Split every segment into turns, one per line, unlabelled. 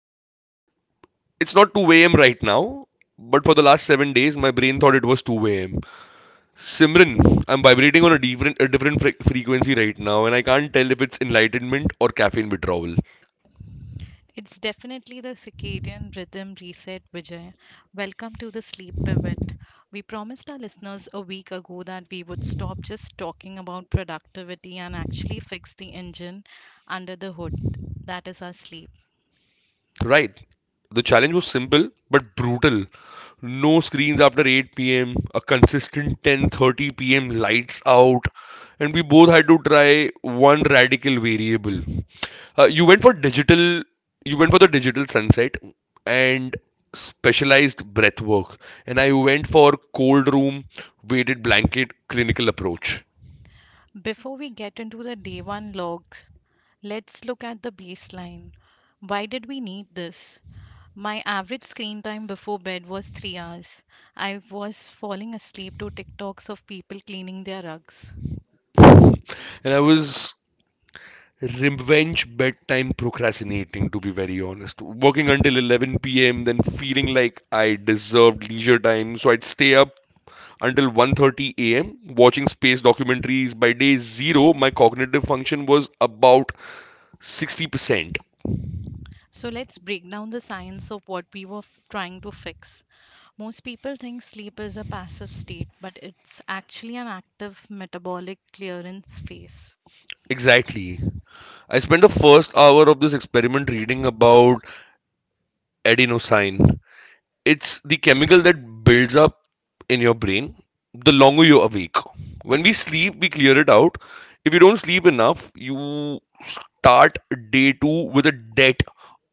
a.m. Well, it's not 2 a.m. right now, but for the last 7 days, my brain thought it was 2 a.m. Simran, I'm vibrating on a different frequency right now, and I can't tell if it's enlightenment or caffeine withdrawal.
It's definitely the circadian rhythm reset, Vijay. Welcome to the sleep pivot. We promised our listeners a week ago that we would stop just talking about productivity and actually fix the engine under the hood. That is our sleep.
Right. The challenge was simple but brutal. No screens after 8 p.m., a consistent 10:30 p.m. lights out, and we both had to try one radical variable. You went for digital. You went for the digital sunset and specialized breath work, and I went for cold room, weighted blanket, clinical approach.
Before we get into the day one logs, let's look at the baseline. Why did we need this? My average screen time before bed was 3 hours. I was falling asleep to TikToks of people cleaning their rugs.
And I was revenge bedtime procrastinating, to be very honest. Working until 11 p.m., then feeling like I deserved leisure time, so I'd stay up until 1:30 a.m. watching space documentaries. By day 0, my cognitive function was about 60%.
So let's break down the science of what we were trying to fix. Most people think sleep is a passive state, but it's actually an active metabolic clearance phase.
Exactly. I spent the first hour of this experiment reading about adenosine. It's the chemical that builds up in your brain the longer you're awake. When we sleep, we clear it out. If you don't sleep enough, you start day two with a debt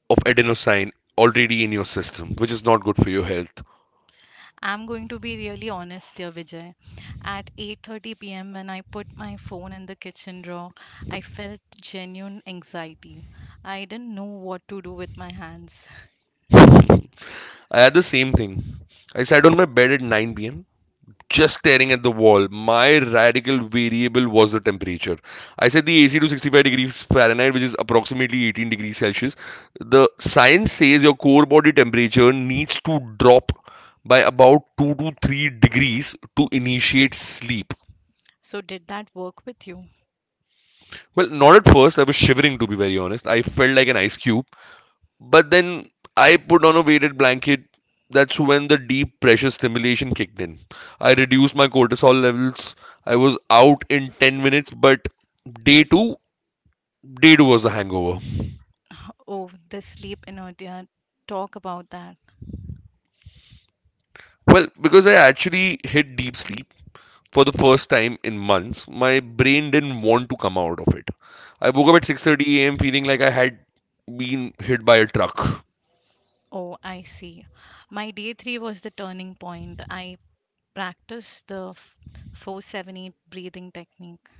of adenosine already in your system, which is not good for your health.
I'm going to be really honest here, Vijay. At 8:30 p.m. when I put my phone in the kitchen drawer, I felt genuine anxiety. I didn't know what to do with my hands.
I had the same thing. I sat on my bed at 9 p.m. just staring at the wall. My radical variable was the temperature. I set the AC to 65 degrees Fahrenheit, which is approximately 18 degrees Celsius. The science says your core body temperature needs to drop by about 2 to 3 degrees to initiate sleep.
So did that work with you?
Well, not at first. I was shivering, to be very honest. I felt like an ice cube. But then I put on a weighted blanket. That's when the deep pressure stimulation kicked in. I reduced my cortisol levels. I was out in 10 minutes, but day two, day two was the hangover.
Oh, the sleep inertia. Talk about that.
Well, because I actually hit deep sleep for the first time in months, my brain didn't want to come out of it. I woke up at 6:30 a.m. feeling like I had been hit by a truck.
Oh, I see. My day three was the turning point. I practiced the 478 breathing technique.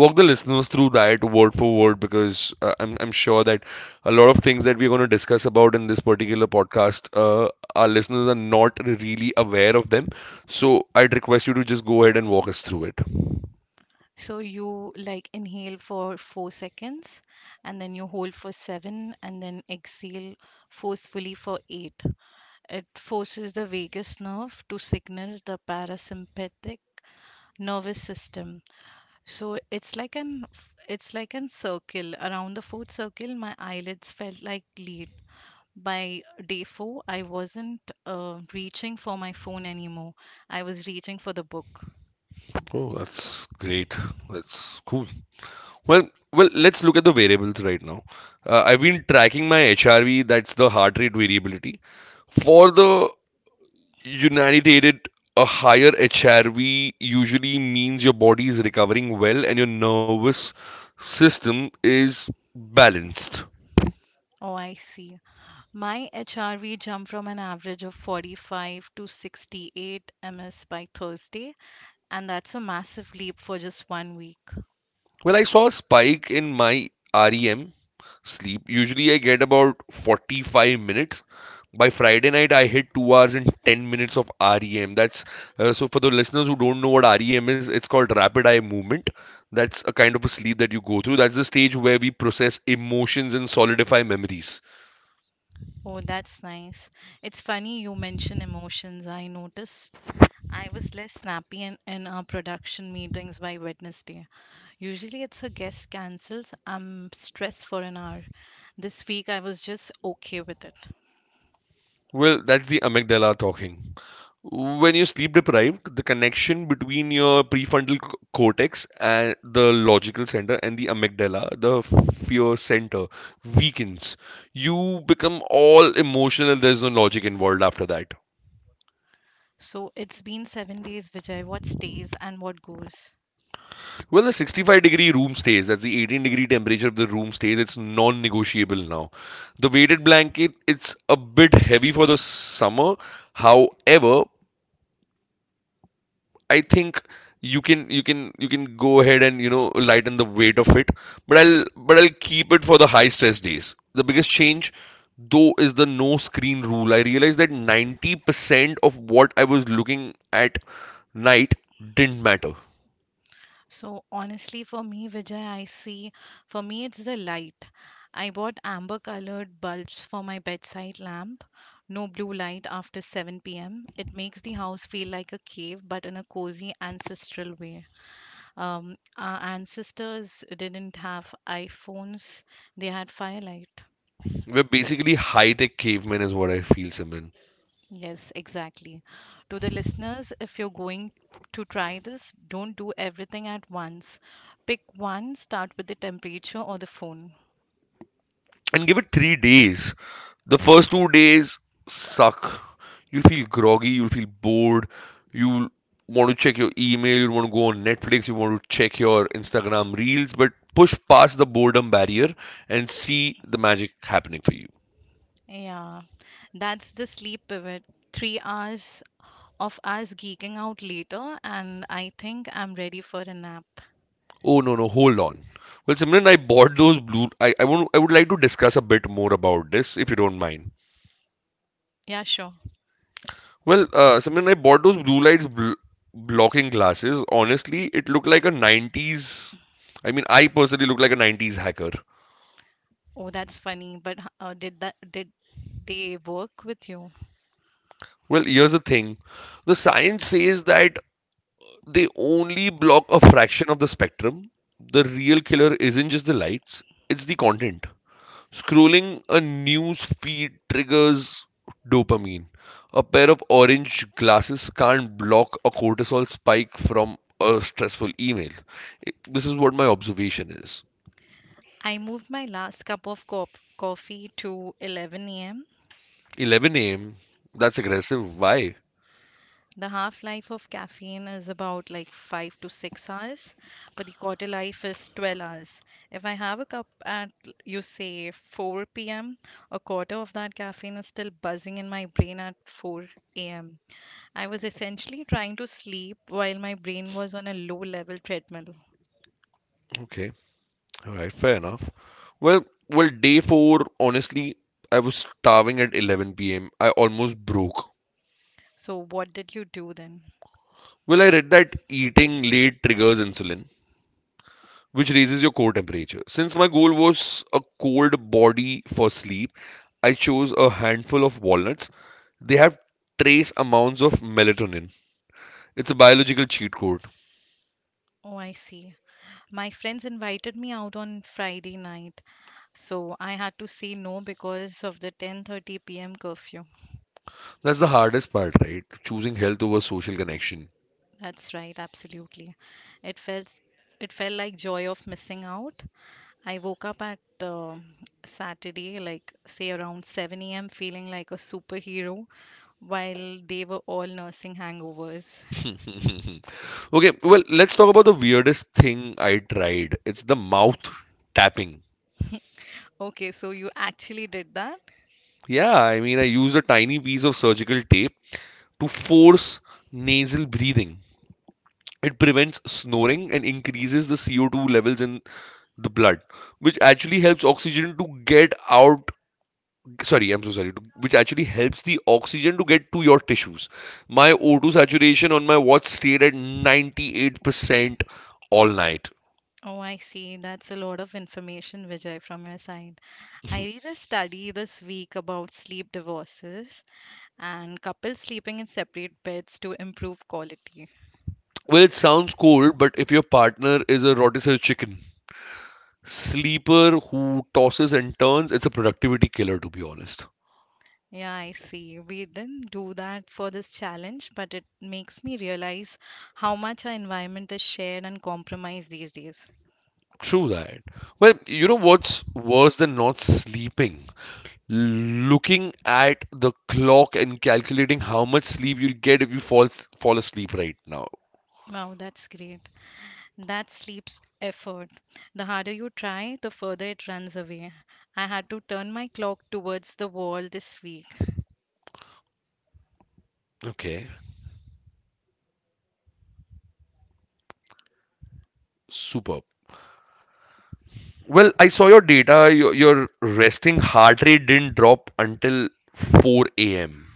Walk the listeners through that word for word, because I'm sure that a lot of things that we're going to discuss about in this particular podcast, our listeners are not really aware of them. So I'd request you to just go ahead and walk us through it.
So you like inhale for 4 seconds and then you hold for seven and then exhale forcefully for eight. It forces the vagus nerve to signal the parasympathetic nervous system. So it's like an circle. Around the fourth circle, my eyelids felt like leads by day four, I wasn't reaching for my phone anymore. I was reaching for the book.
Oh, that's great. That's cool. Well, let's look at the variables right now. I've been tracking my HRV, that's the heart rate variability, for the Unitated. A higher HRV usually means your body is recovering well and your nervous system is balanced.
Oh, I see. My HRV jumped from an average of 45 to 68 ms by Thursday, and that's a massive leap for just 1 week.
Well, I saw a spike in my REM sleep. Usually, I get about 45 minutes. By Friday night, I hit 2 hours and 10 minutes of REM. That's so for the listeners who don't know what REM is, it's called rapid eye movement. That's a kind of a sleep that you go through. That's the stage where we process emotions and solidify memories.
Oh, that's nice. It's funny you mention emotions. I noticed I was less snappy in our production meetings by Wednesday. Usually it's a guest cancels. I'm stressed for an hour. This week I was just okay with it.
Well, that's the amygdala talking. When you're sleep deprived, the connection between your prefrontal cortex and the logical center and the amygdala, the fear center, weakens. You become all emotional and there's no logic involved after that.
So it's been 7 days, Vijay. What stays and what goes?
Well, the 65-degree room stays, that's the 18-degree temperature of the room stays, it's non negotiable now. The weighted blanket, it's a bit heavy for the summer. However, I think you can go ahead and lighten the weight of it, but I'll keep it for the high stress days. The biggest change though is the no screen rule. I realized that 90% of what I was looking at night didn't matter.
So honestly, for me, Vijay, I see, for me, it's the light. I bought amber colored bulbs for my bedside lamp. No blue light after 7 p.m. It makes the house feel like a cave, but in a cozy ancestral way. Our ancestors didn't have iPhones, they had firelight.
We're basically high tech cavemen is what I feel, Simran.
Yes, exactly. To the listeners, if you're going to try this, don't do everything at once. Pick one, start with the temperature or the phone.
And give it 3 days. The first 2 days suck. You'll feel groggy, you'll feel bored, you'll want to check your email, you'll want to go on Netflix, you want to check your Instagram reels, but push past the boredom barrier and see the magic happening for you.
Yeah, that's the sleep pivot. 3 hours of us geeking out later, and I think I'm ready for a nap.
Oh no no, hold on. Well Simran, I bought those blue I want I would like to discuss a bit more about this if you don't mind.
Yeah, sure.
Well, Simran, I bought those blue lights blocking glasses. Honestly, it looked like a 90s. I mean, I personally look like a 90s hacker.
Oh, that's funny, but did that did they work with you?
Well, here's the thing. The science says that they only block a fraction of the spectrum. The real killer isn't just the lights, it's the content. Scrolling a news feed triggers dopamine. A pair of orange glasses can't block a cortisol spike from a stressful email. This is what my observation is.
I moved my last cup of coffee to 11 a.m.
11 a.m. That's aggressive. Why?
The half life of caffeine is about like 5 to 6 hours, but the quarter life is 12 hours. If I have a cup at, you say, 4 p.m., a quarter of that caffeine is still buzzing in my brain at 4 a.m. I was essentially trying to sleep while my brain was on a low level treadmill.
Okay. Alright, fair enough. Well, day four, honestly, I was starving at 11 p.m. I almost broke.
So, what did you do then?
Well, I read that eating late triggers insulin, which raises your core temperature. Since my goal was a cold body for sleep, I chose a handful of walnuts. They have trace amounts of melatonin. It's a biological cheat code.
Oh, I see. My friends invited me out on Friday night, so I had to say no because of the 10:30 p.m. curfew.
That's the hardest part, right? Choosing health over social connection.
That's right, absolutely. It felt it felt like joy of missing out. I woke up at Saturday, like say around 7 a.m., feeling like a superhero while they were all nursing hangovers.
Okay, well, let's talk about the weirdest thing I tried. It's the mouth tapping.
Okay, so you actually did that?
Yeah, I mean, I used a tiny piece of surgical tape to force nasal breathing. It prevents snoring and increases the CO2 levels in the blood, which actually helps oxygen to get out. Sorry, I'm so sorry. Which actually helps the oxygen to get to your tissues. My O2 saturation on my watch stayed at 98% all night.
Oh, I see. That's a lot of information, Vijay, from your side. I read a study this week about sleep divorces and couples sleeping in separate beds to improve quality.
Well, it sounds cold, but if your partner is a rotisserie chicken, sleeper who tosses and turns, it's a productivity killer, to be honest.
Yeah, I see. We didn't do that for this challenge, but it makes me realize how much our environment is shared and compromised these days.
True that. Well, you know what's worse than not sleeping? Looking at the clock and calculating how much sleep you'll get if you fall asleep right now.
Wow, that's great. That sleeps effort. The harder you try, the further it runs away. I had to turn my clock towards the wall this week.
Okay, superb. Well, I saw your data. Your resting heart rate didn't drop until 4 a.m.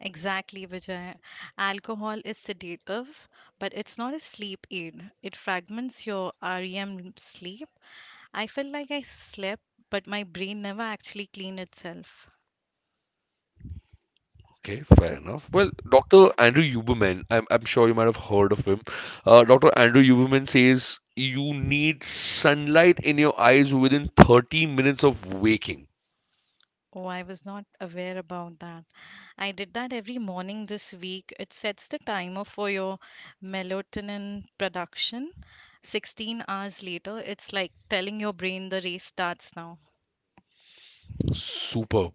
Exactly, Vijay. Alcohol is sedative, but it's not a sleep aid. It fragments your REM sleep. I felt like I slept, but my brain never actually cleaned itself.
Okay, fair enough. Well, Dr. Andrew Huberman, I'm sure you might have heard of him. Dr. Andrew Huberman says you need sunlight in your eyes within 30 minutes of waking.
Oh, I was not aware about that. I did that every morning this week. It sets the timer for your melatonin production. 16 hours later, it's like telling your brain the race starts now.
Superb.